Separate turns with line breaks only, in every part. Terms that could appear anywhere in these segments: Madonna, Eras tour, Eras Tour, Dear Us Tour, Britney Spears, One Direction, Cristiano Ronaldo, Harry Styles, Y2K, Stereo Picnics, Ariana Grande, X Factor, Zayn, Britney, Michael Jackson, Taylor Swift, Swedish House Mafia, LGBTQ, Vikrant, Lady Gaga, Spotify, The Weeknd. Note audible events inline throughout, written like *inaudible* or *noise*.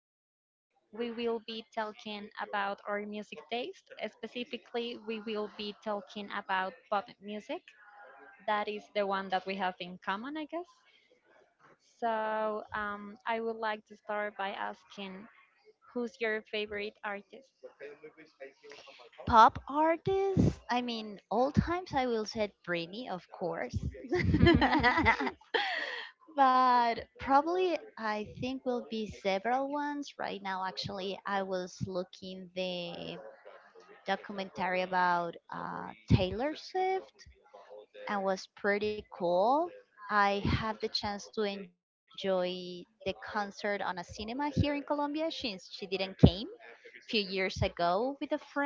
Vanessa. We will be talking about our music taste. Specifically, we will be talking about pop music. That is the one that we have in common, I guess. So, I would like to start by asking, who's your favorite artist?
Pop artists. I mean, all times I will say Britney, of course.
*laughs*
*laughs* But probably I think will be several ones right now. Actually, I was looking the documentary about Taylor Swift and was pretty cool. I have the chance to enjoy the concert on a cinema here in Colombia since she didn't came a few years ago with a friend,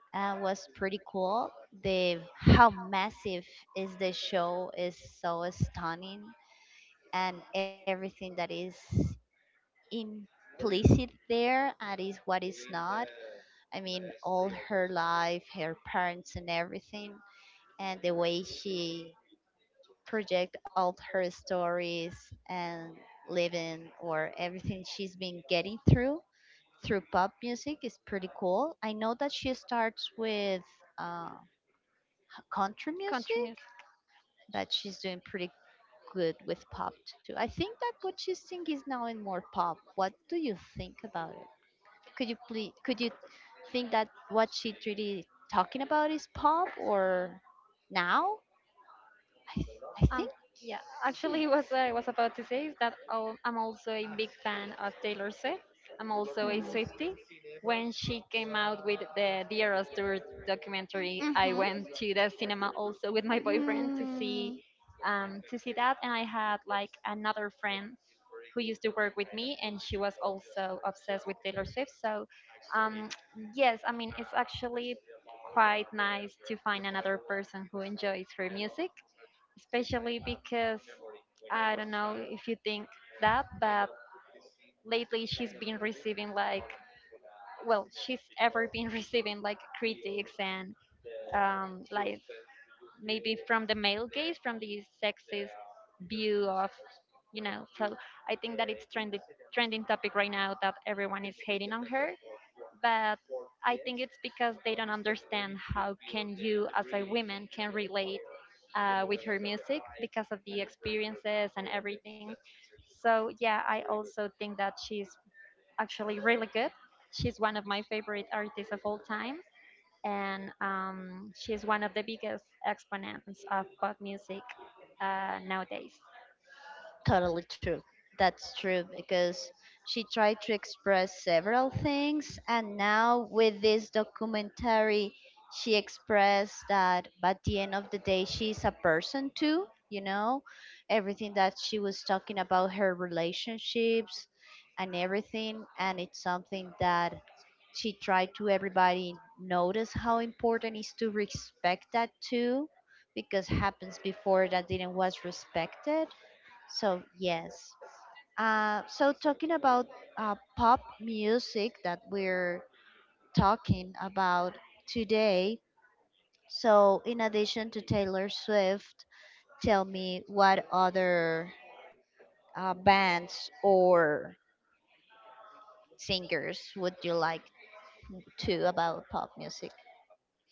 was pretty cool. The how massive is the show is so stunning, and everything that is implicit there and is what is not. I mean, all her life, her parents, and everything, and the way she project all her stories and living or everything she's been getting through pop music is pretty cool. I know that she starts with. Uh, Country
Country
music,
music.
but she's doing pretty good with pop too. I think that what she's singing is now in more pop. What do you think about it? Could you think that what she's really talking about is pop or now? I th- I
Um,
think
yeah,
she,
actually, *laughs* what I was about to say is that I'm also a big fan of Taylor Swift. I'm
hmm.
also a Swiftie. When she came out with the Dear Us Tour documentary,
Mm-hmm.
I went to the cinema also with my boyfriend to see
Mm.
that, and I had like another friend who used to work with me, and she was also obsessed with Taylor Swift. So, um, *tsk* yes, I mean, it's actually quite nice to find another person who enjoys her music, especially because I don't know if you think that, but lately she's been receiving, like, well, she's ever been *laughs* receiving like critics and like maybe from the male gaze, from the sexist view of. So I think that it's trending topic right now, that everyone is hating on her, but I think it's because they don't understand how can you as a woman can relate with her music because of the experiences and everything. So, yeah, I also think that she's actually really good. She's one of my favorite artists of all time, and she's one of the biggest exponents of pop music nowadays.
Totally true. That's true because she tried to express several things, and now with this documentary, she expressed that at the end of the day, she's a person too. You know, everything that she was talking about her relationships and everything, and it's something that she tried to everybody notice how important is to respect that too because happens before that didn't was respected, so yes. So talking about pop music that we're talking about today. So in addition to Taylor Swift, tell me what other bands or singers would you like to about pop music?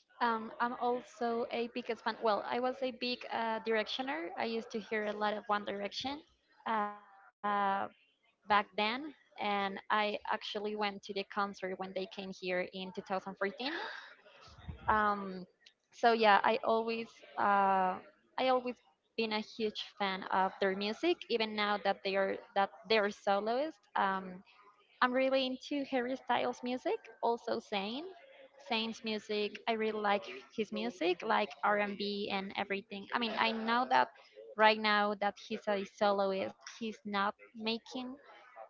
I'm also a big fan. Well, I was a big directioner. I used to hear a lot of One Direction uh, back then, and I actually went to the concert when they came here in 2014. Um, so yeah, uh, I always been a huge fan of their music, even now that they're soloist. I'm really into Harry Styles music, also Zayn. Zayn's music, I really like his music, like R&B and B and everything. I mean, I know that right now that he's a soloist, he's not making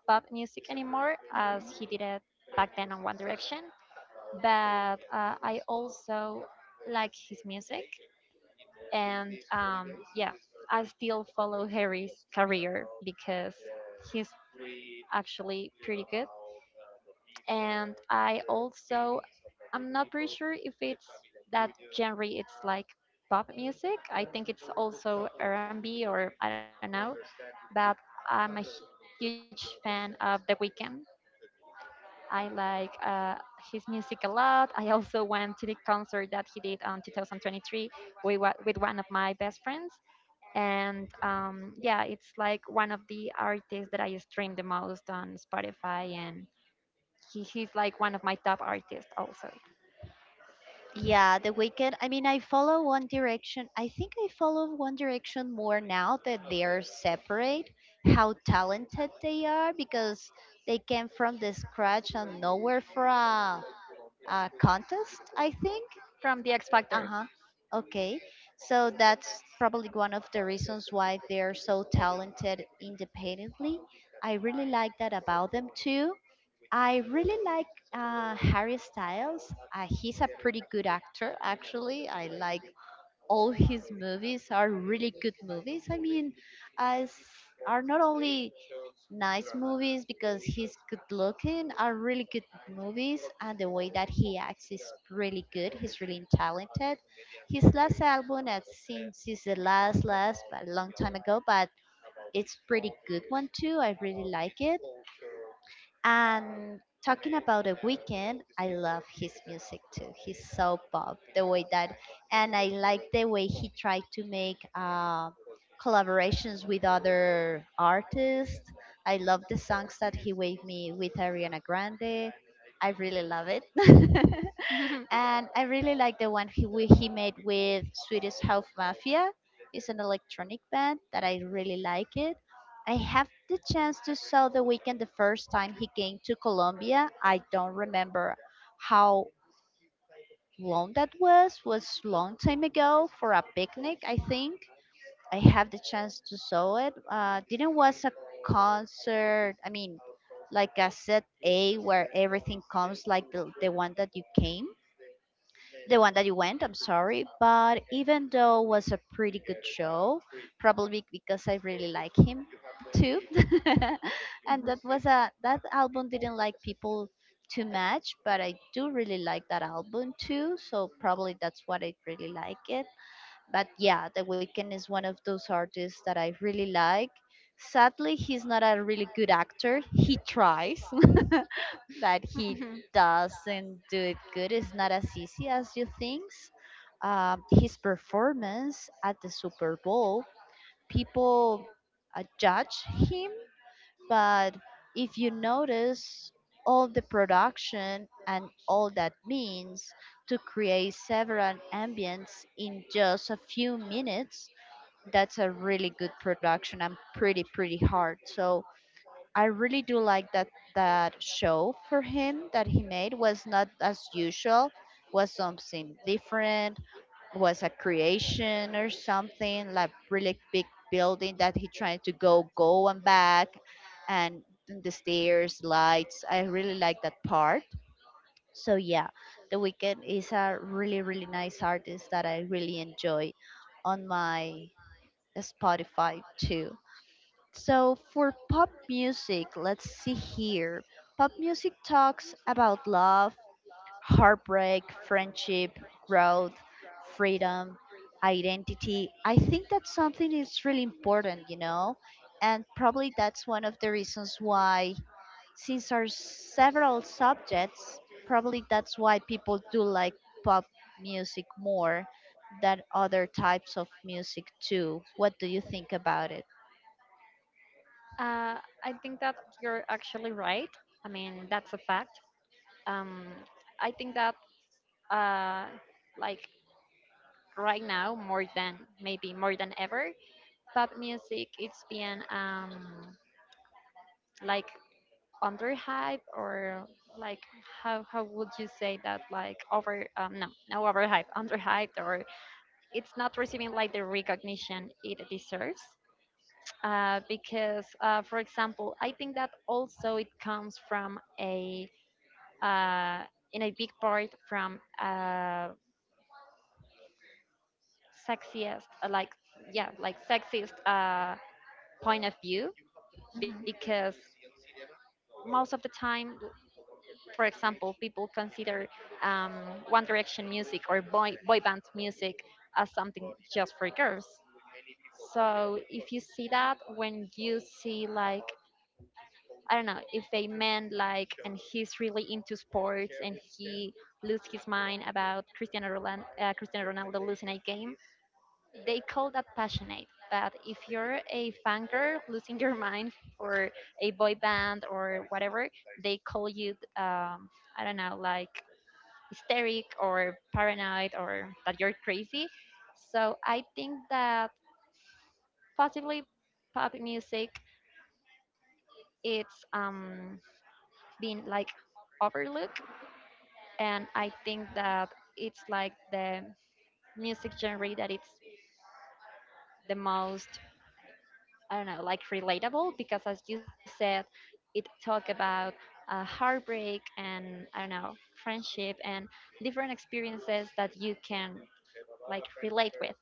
pop music anymore as he did it back then on One Direction, but I also like his music, and yeah, I still follow Harry's career because his actually pretty good. And I also, I'm not pretty sure if it's that genre. It's like pop music. I think it's also R&B or I don't know. But I'm a huge fan of The Weeknd. I like his music a lot. I also went to the concert that he did on 2023 with one of my best friends, and yeah, it's like one of the artists that I stream the most on Spotify, and he's like one of my top artists also,
Yeah, The Weeknd. I mean, I follow One Direction. I think I follow One Direction more now that they are separate, how talented they are because they came from the scratch and nowhere for a contest, I think.
from the X Factor.
Uh huh. Okay. So that's probably one of the reasons why they're so talented independently. I really like that about them too. I really like Harry Styles. He's a pretty good actor, actually. I like all his movies are really good movies. I mean, uh, s- are not only nice movies because he's good looking, are really good movies, and the way that he acts is really good. He's really talented. His last album, I've seen since the last last, but a long time ago, but it's pretty good one too. I really like it, and talking about the weekend, I love his music too. He's so pop the way that, and I like the way he tried to make collaborations with other artists. I love the songs that he gave me with Ariana Grande. I really love it, *laughs* and I really like the one he made with Swedish House Mafia. It's an electronic band that I really like it. I have the chance to saw the weekend the first time he came to Colombia. I don't remember how long that was. Was long time ago for a picnic, I think. I have the chance to saw it. Didn't was a concert. I mean, like a set A where everything comes like the one that you came, the one that you went, I'm sorry, but even though it was a pretty good show, probably because I really like him too. *laughs* And that was a that
*laughs*
album didn't like people too much, but I do really like that album too, so probably that's what I really like it. But yeah, the Weeknd is one of those artists that I really like. Sadly he's not a really good actor, he tries *laughs* that he doesn't do it good, is not as easy as you think. His performance at the Super Bowl, people judge him, but if you notice all the production and all that means to create several ambience in just a few minutes, that's a really good production and pretty, pretty hard. So, I really do like that that show for him that he made was not as usual, was something different, was a creation or something like really big building that he tried to go and back and the stairs, lights. I really like that part. So yeah, The Weeknd is a really really nice artist that I really enjoy on my Spotify too. So for pop music, let's see here. Pop music talks about love, heartbreak, friendship, growth, freedom, identity. I think that's something is really important, you know? And probably that's one of the reasons why since there are several subjects, probably that's why people do like pop music more than other types of music too. What do you think about it?
Uh, I think that you're actually right. I mean, that's a fact. um, I think that uh, like right now, more than maybe more than ever, pop music it's being like under hype, or like, how would you say that, like over no over hype, under hyped, or it's not receiving like the recognition it deserves, because for example, I think that also it comes from a uh, in a big part from sexiest like, yeah, like sexist point of view, because most of the time, for example, people consider um, one direction music, or boy band music, as something just for girls. So if you see that, when you see like, I don't know, if a man like, and he's really into sports, and he lose his mind about Cristiano Ronaldo losing a game, they call that passionate. But if you're a fan girl losing your mind for a boy band or whatever, they call you, um, I don't know, like hysteric or paranoid, or that you're crazy. So I think that possibly pop music it's been like overlooked, and I think that it's like the music genre that it's the most, I don't know, like relatable, because, as you said, it talk about heartbreak, and I don't know, friendship, and different experiences that you can like relate with.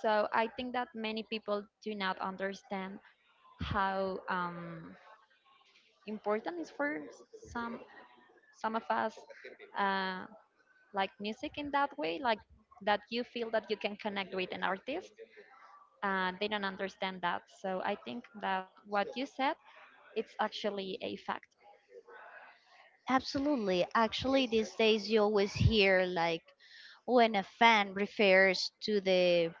So I think that many people do not understand how important is for some some of us uh, like music in that way, like that you feel that you can connect with an artist, and they don't understand that. So I think that what you said, it's actually a fact.
Absolutely. Actually, these days you always hear like when a fan refers to the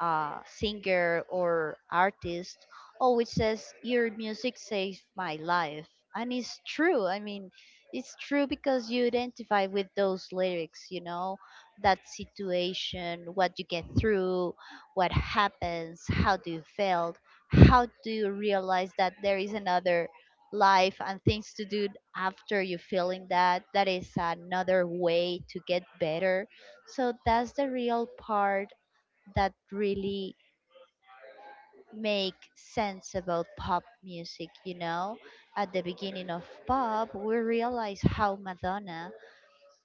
singer or artist, oh, it says your music saved my life. And it's true. I mean, it's true because you identify with those lyrics, you know, that situation, what you get through, what happens, how do you feel, how do you realize that there is another life and things to do after you feeling that that is another way to get better, so that's the real part that really make sense about pop music, you know. At the beginning of pop we realize how Madonna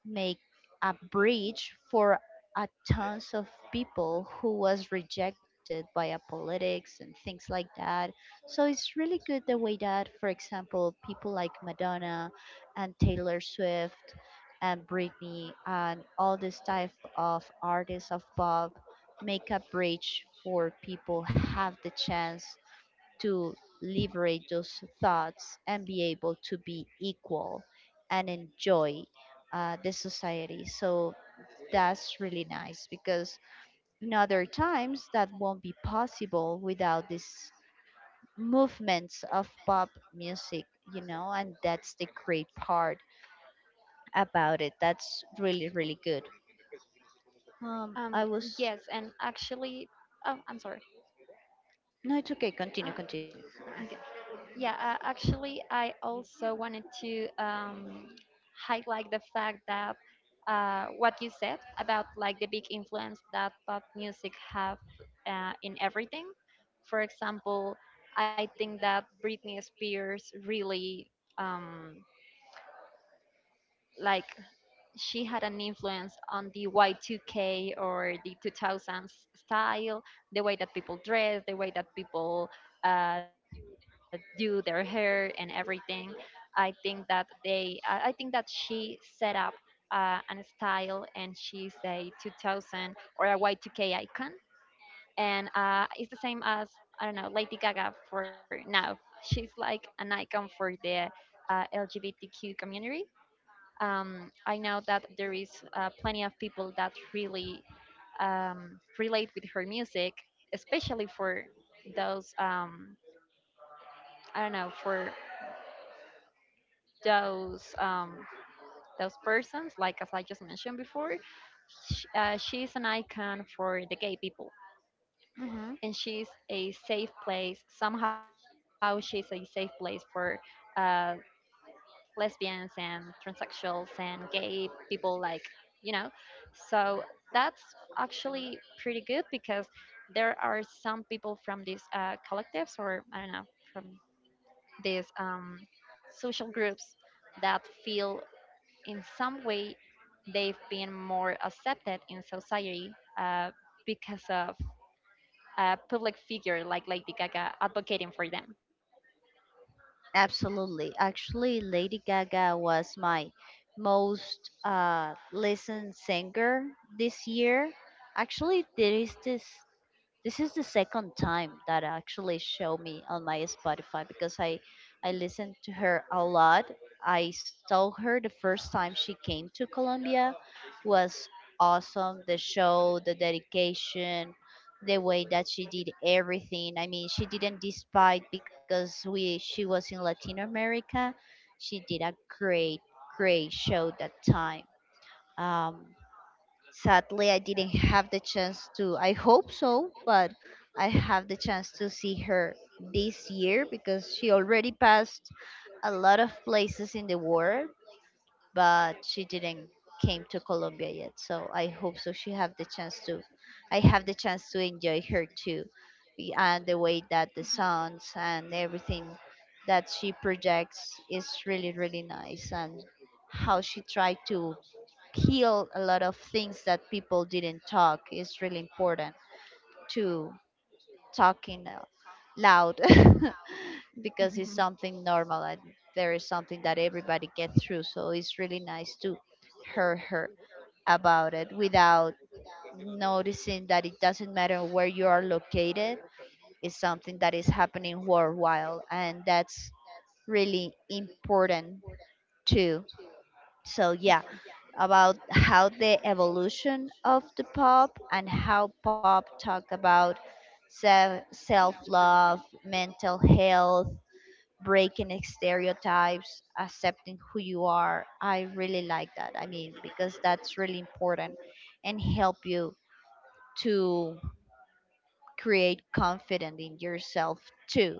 make a bridge for a tons of people who was rejected by a politics and things like that. So it's really good the way that, for example, people like Madonna and Taylor Swift and Britney and all this type of artists of pop make a bridge for people have the chance to liberate those thoughts and be able to be equal and enjoy the society. So that's really nice because in other times that won't be possible without these movements of pop music, you know, and that's the great part about it. That's really, really good.
Um,
I
yes, and
was.
actually, oh, I'm sorry.
No, it's okay. Continue,
Uh,
continue.
okay. Yeah, actually, I also wanted to highlight the fact that what you said about like the big influence that pop music have in everything. For example, I think that Britney Spears really um, like, she had an influence on the Y2K or the 2000s style, the way that people dress, the way that people do their hair and everything. I think that they, I think that she set up an style, and she's a 2000 or a Y2K icon. And it's the same as, I don't know, Lady Gaga for now. She's like an icon for the LGBTQ community. I know that there is plenty of people that really relate with her music, especially for those I don't know, for those um, those persons. Like, as I just mentioned before, she's an icon for the gay people,
Hmm.
and she's a safe place. Somehow, she's a safe place for uh, lesbians and transsexuals and gay people, like, you know so that's actually pretty good, because there are some people from these collectives, or I don't know, from these social groups that feel in some way they've been more accepted in society, uh, because of a public figure like Lady Gaga advocating for them.
Absolutely. Actually, Lady Gaga was my most listened singer this year. Actually, there is this this is the second time that actually show me on my Spotify because I listened to her a lot. I saw her the first time she came to Colombia, was awesome, the show, the dedication, the way that she did everything. I mean, she didn't despite because we she was in Latin America, she did a great great show that time. Um, sadly I didn't have the chance to, I hope so, but I have the chance to see her this year because she already passed a lot of places in the world, but she didn't came to Colombia yet, so I hope so she have the chance to, I have the chance to enjoy her too. Be- and the way that the sounds and everything that she projects is really really nice, and how she tried to heal a lot of things that people didn't talk. It's really important to talking loud *laughs*
*laughs*
because it's something normal and there is something that everybody gets through, so it's really nice to hear her about it without noticing that it doesn't matter where you are located. It's something that is happening worldwide and that's really important too. So yeah, about how the evolution of the pop and how pop talk about self love, mental health, breaking stereotypes, accepting who you are. I really like that. I mean, because that's really important and help you to create confidence in yourself too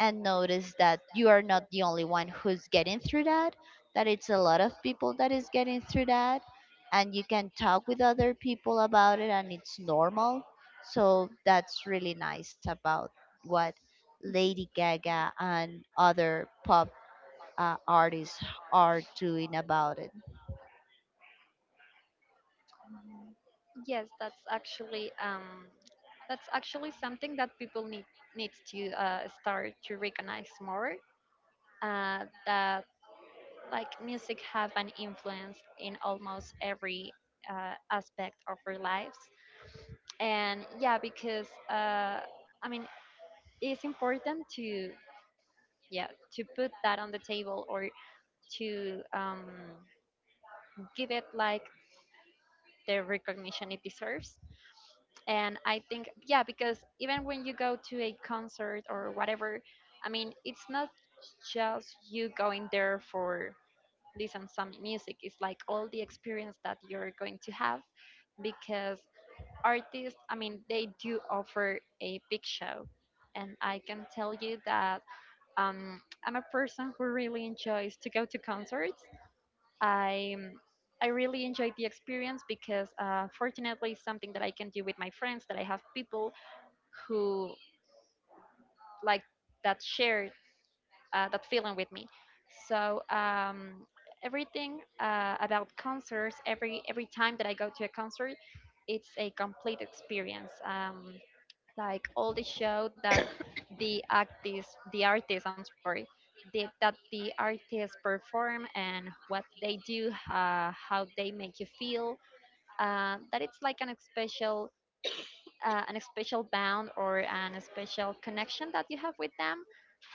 and notice that you are not the only one who's getting through that, that it's a lot of people that is getting through that, and you can talk with other people about it and it's normal. So that's really nice about what Lady Gaga and other pop artists are doing about it.
Yes, that's actually something that people needs to start to recognize more. That like, music have an influence in almost every aspect of our lives, and yeah, because I mean, it's important to, yeah, to put that on the table, or to give it like the recognition it deserves. And I think, yeah, because even when you go to a concert or whatever, I mean, it's not just you going there for listen some music, it's like all the experience that you're going to have, because artists, I mean, they do offer a big show, and I can tell you that um, I'm a person who really enjoys to go to concerts i I really enjoyed the experience, because, fortunately, it's something that I can do with my friends, that I have people who like that, shared that feeling with me. So, everything about concerts, every time that I go to a concert, it's a complete experience. Like, all the show that I'm sorry, that the artists perform, and what they do, how they make you feel. That it's like an special bond, or an special connection that you have with them.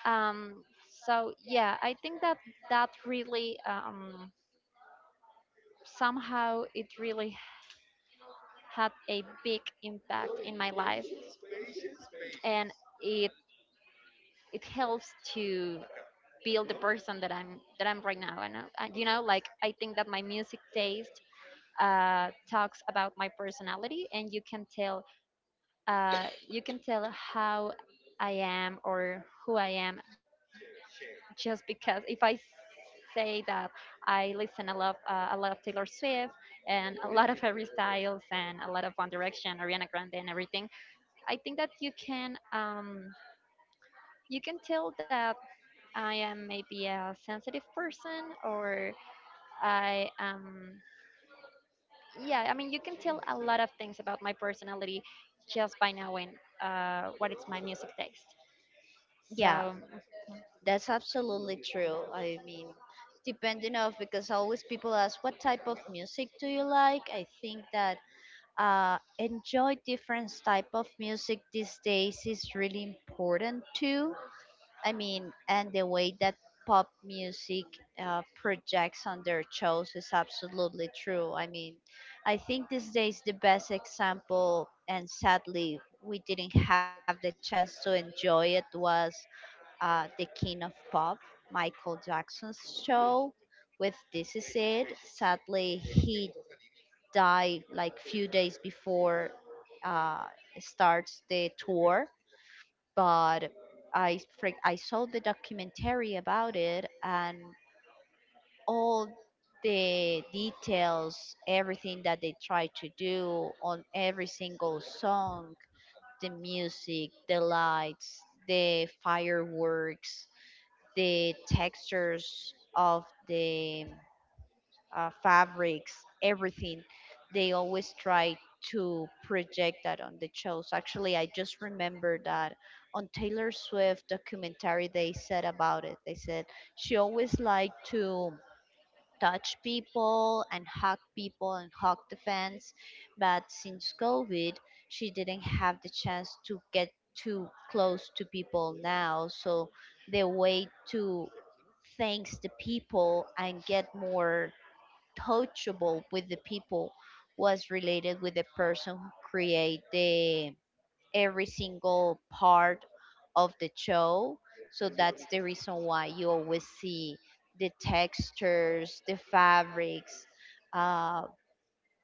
Um, so yeah, I think that that really somehow it really had a big impact in my life, and it it helps to build the person that I'm right now. And like, I think that my music taste talks about my personality, and you can tell how I am or who I am, just because if I say that I listen a lot of Taylor Swift, and a lot of *laughs* Harry Styles, and a lot of One Direction, Ariana Grande, and everything, I think that you can tell that I am maybe a sensitive person, or I am, yeah. I mean, you can tell a lot of things about my personality just by knowing what is my music taste. So,
Yeah,
mhm.
that's absolutely true. I mean, depending of because always people ask what type of music do you like, I think that enjoy different type of music these days is really important too. I mean, and the way that pop music projects on their shows is absolutely true. I mean, I think these days the best example and sadly we didn't have the chance to enjoy it was the king of pop Michael Jackson's show with This Is It, sadly he dive like few days before uh, starts the tour, but I freak I saw the documentary about it and all the details, everything that they try to do on every single song, the music, the lights, the fireworks, the textures of the fabrics, everything. They always try to project that on the shows. Actually, I just remember that on Taylor Swift documentary they said about it. They said she always liked to touch people and hug the fans, but since COVID, she didn't have the chance to get too close to people now. So the way to thanks the people and get more touchable with the people was related with the person who create the every single part of the show, so that's the reason why you always see the textures, the fabrics, uh,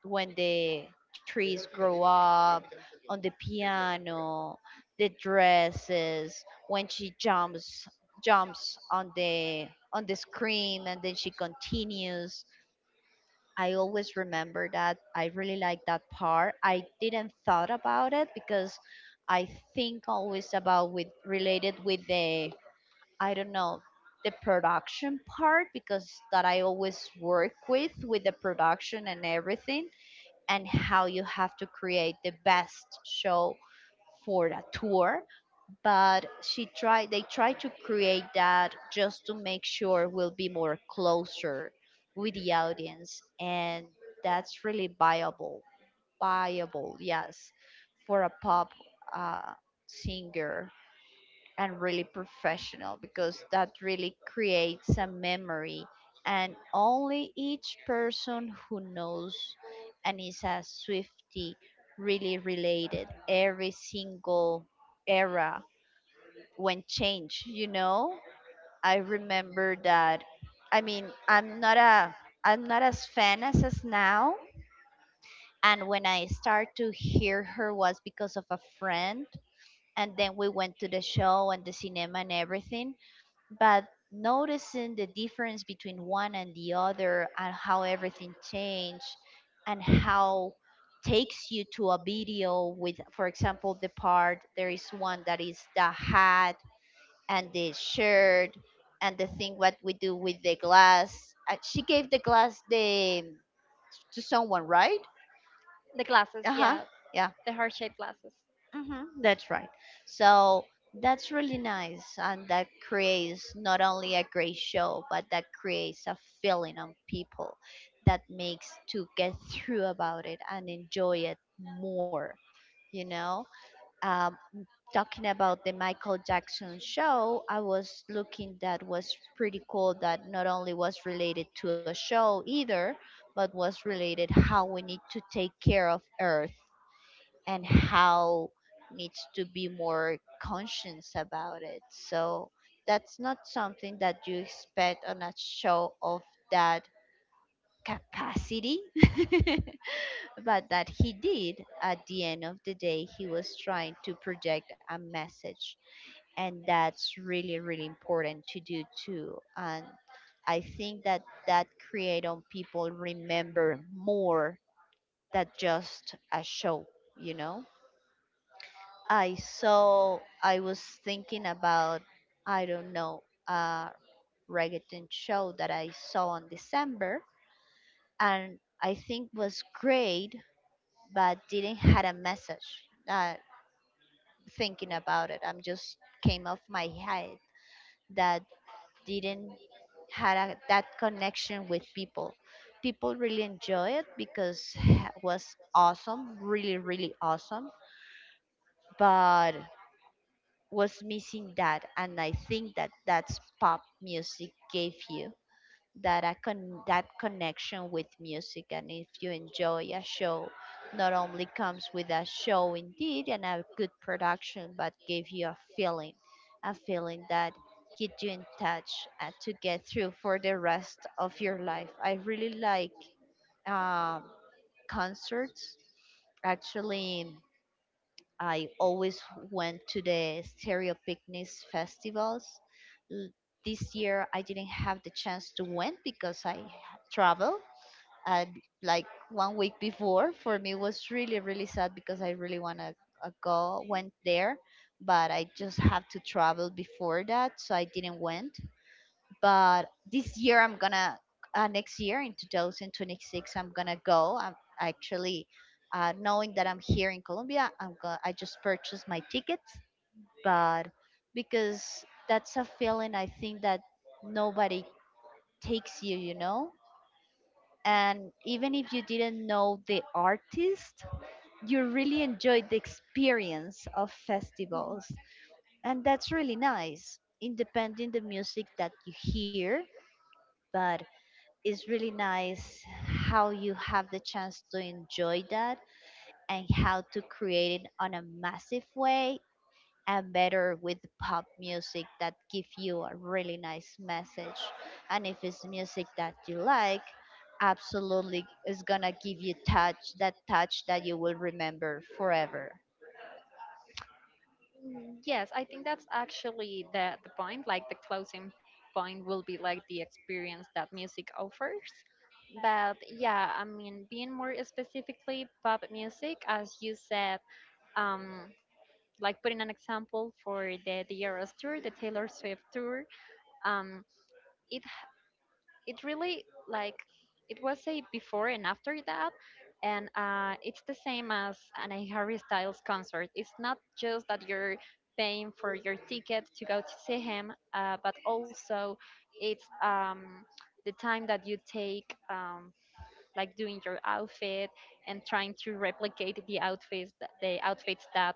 when the trees grow up on the piano, the dresses, when she jumps on the screen and then she continues. I always remember that. I really like that part. I didn't thought about it because I think always about with related with the, I don't know, the production part, because that I always work with the production and everything and how you have to create the best show for a tour. But she tried they tried to create that just to make sure we'll be more closer with the audience, and that's really viable. Viable, yes, for a pop uh, singer, and really professional because that really creates a memory, and only each person who knows and is a swifty really related every single era when change. I remember that. I mean, I'm not a, I'm not as fan as now, and when I start to hear her was because of a friend, and then we went to the show and the cinema and everything. But noticing the difference between one and the other and how everything changed and how takes you to a video with, for example, the part, there is one that is the hat and the shirt and the thing what we do with the glass. She gave the glass the to someone, right?
The
Uh
glasses,
huh.
yeah,
Yeah.
the heart shaped glasses.
Hmm, that's right. So that's really nice, and that creates not only a great show, but that creates a feeling on people that makes to get through about it and enjoy it more. You know, Uh, talking about the Michael Jackson show, I was looking that was pretty cool that not only was related to a show either, but was related how we need to take care of earth and how needs to be more conscious about it. So that's not something that you expect on a show of that capacity *laughs* but that he did. At the end of the day he was trying to project a message, and that's really really important to do too. And I think that that create on people remember more than just a show you know I was thinking about, I don't know, a reggaeton show that I saw in December, and I think was great but didn't had a message. Thinking about it, I'm just came off my head that didn't had that connection with people. People really enjoy it because *sighs* it was awesome, really, really awesome, but was missing that. And I think that that's pop music gave you that that connection with music, and if you enjoy a show, not only comes with a show indeed and a good production but give you a feeling, a feeling that keep you in touch and to get through for the rest of your life. I really like um, concerts, actually. I always went to the Stereo Picnics festivals. L- This year I didn't have the chance to win because I travel. Like one week before, for me it was really really sad because I really wanna go went there, but I just have to travel before that, so I didn't went. But this year I'm gonna next year, in 2026, I'm gonna go. I'm actually Knowing that I'm here in Colombia, I just purchased my tickets, but because that's a feeling I think that nobody takes you you know And even if you didn't know the artist, you really enjoyed the experience of festivals, and that's really nice independent the music that you hear. But it's really nice how you have the chance to enjoy that and how to create it on a massive way and better with pop music that give you a really nice message, and if it's music that you like, absolutely is gonna give you touch, that touch that you will remember forever.
Yes, I think that's actually the point. Like, the closing point will be like the experience that music offers. But yeah, I mean, being more specifically pop music, as you said, um, like, putting an example for the Eras tour, the Taylor Swift tour, um, it it really, like, it was a before and after that. And it's the same as an a Harry Styles concert. It's not just that you're paying for your ticket to go to see him, but also it's the time that you take, like doing your outfit, and trying to replicate the outfits that, the outfits that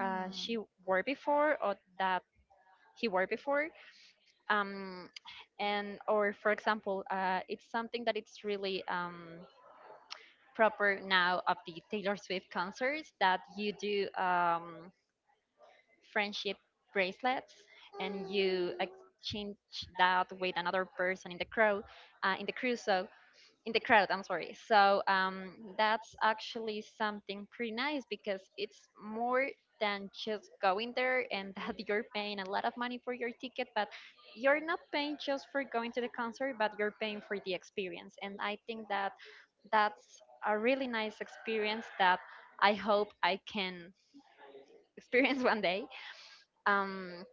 uh, she
Hmm.
wore before, or that he wore before, um, and, or for example, it's something that it's really proper now of the Taylor Swift concerts, that you do friendship bracelets, and you exchange that with another person in the crowd, in the crew. So, in the crowd, I'm sorry. So, that's actually something pretty nice, because it's more than just going there, and that *laughs* you're paying a lot of money for your ticket, but you're not paying just for going to the concert, but you're paying for the experience. And I think that that's a really nice experience that I hope I can experience *laughs* one day. Um,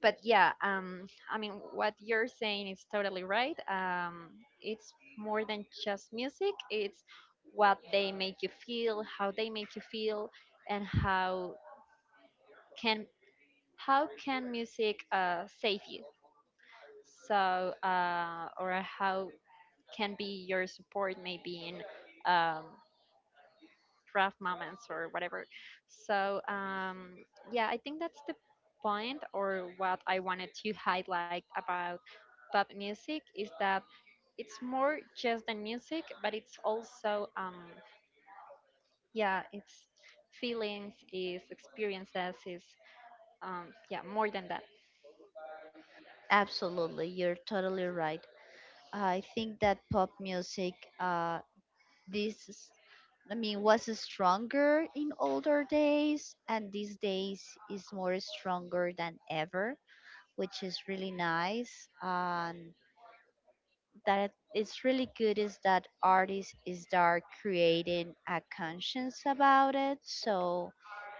but yeah, I mean, what you're saying is totally right. It's more than just music, it's what they make you feel, how they make you feel, and can how can music save you? So, or how can be your support, maybe in um, rough moments or whatever. So, yeah, I think that's the point, or what I wanted to highlight about pop music, is that it's more just than music, but it's also yeah, it's feelings, is experiences, is yeah, more than that.
Absolutely, you're totally right. I think that pop music, this, is- I mean, was stronger in older days, and these days is more stronger than ever, which is really nice. And that it's really good is that artists is start creating a conscience about it, so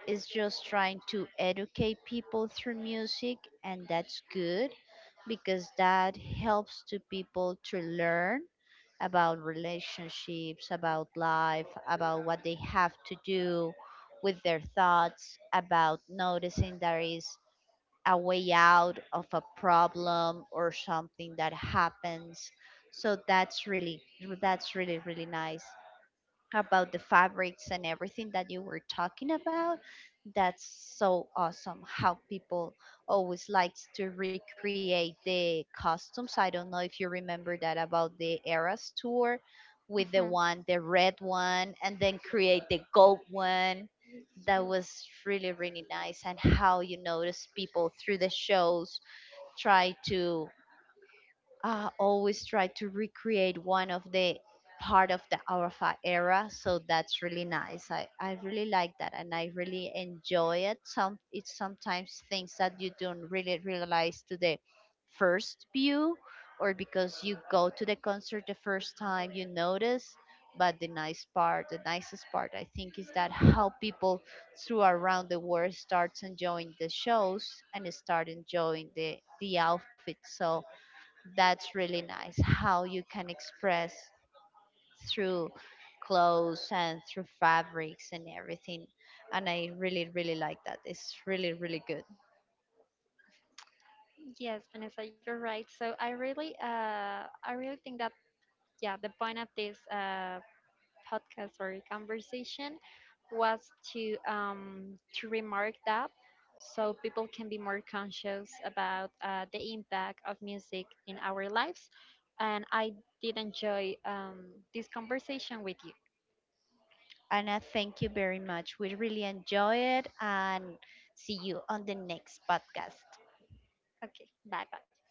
it's just trying to educate people through music, and that's good because that helps to people to learn about relationships, about life, about what they have to do with their thoughts, about noticing there is a way out of a problem or something that happens. So that's really really nice. About the fabrics and everything that you were talking about, that's so awesome how people always likes to recreate the costumes. I don't know if you remember that about the Eras Tour with the
Mhm.
one, the red one, and then create the gold one. That was really, really nice. And how you notice people through
Yes.
the shows try to always try to recreate one of the part of the alpha era. So that's really nice. I really like that, and I really enjoy it. Sometimes things that you don't really realize to the first view, or because you go to the concert the first time you notice. But the nicest part I think is that how people through around the world starts enjoying the shows and start enjoying the outfits. So that's really nice how you can express through clothes and through fabrics and everything, and I really really like that. It's really really good,
Yes, Vanessa, you're right. So I really think that, yeah, the point of this podcast or conversation was to remark that, so people can be more conscious about the impact of music in our lives. And I did enjoy this conversation with you.
and I thank you very much. We really enjoy it, and see you on the next podcast.
Okay, bye bye.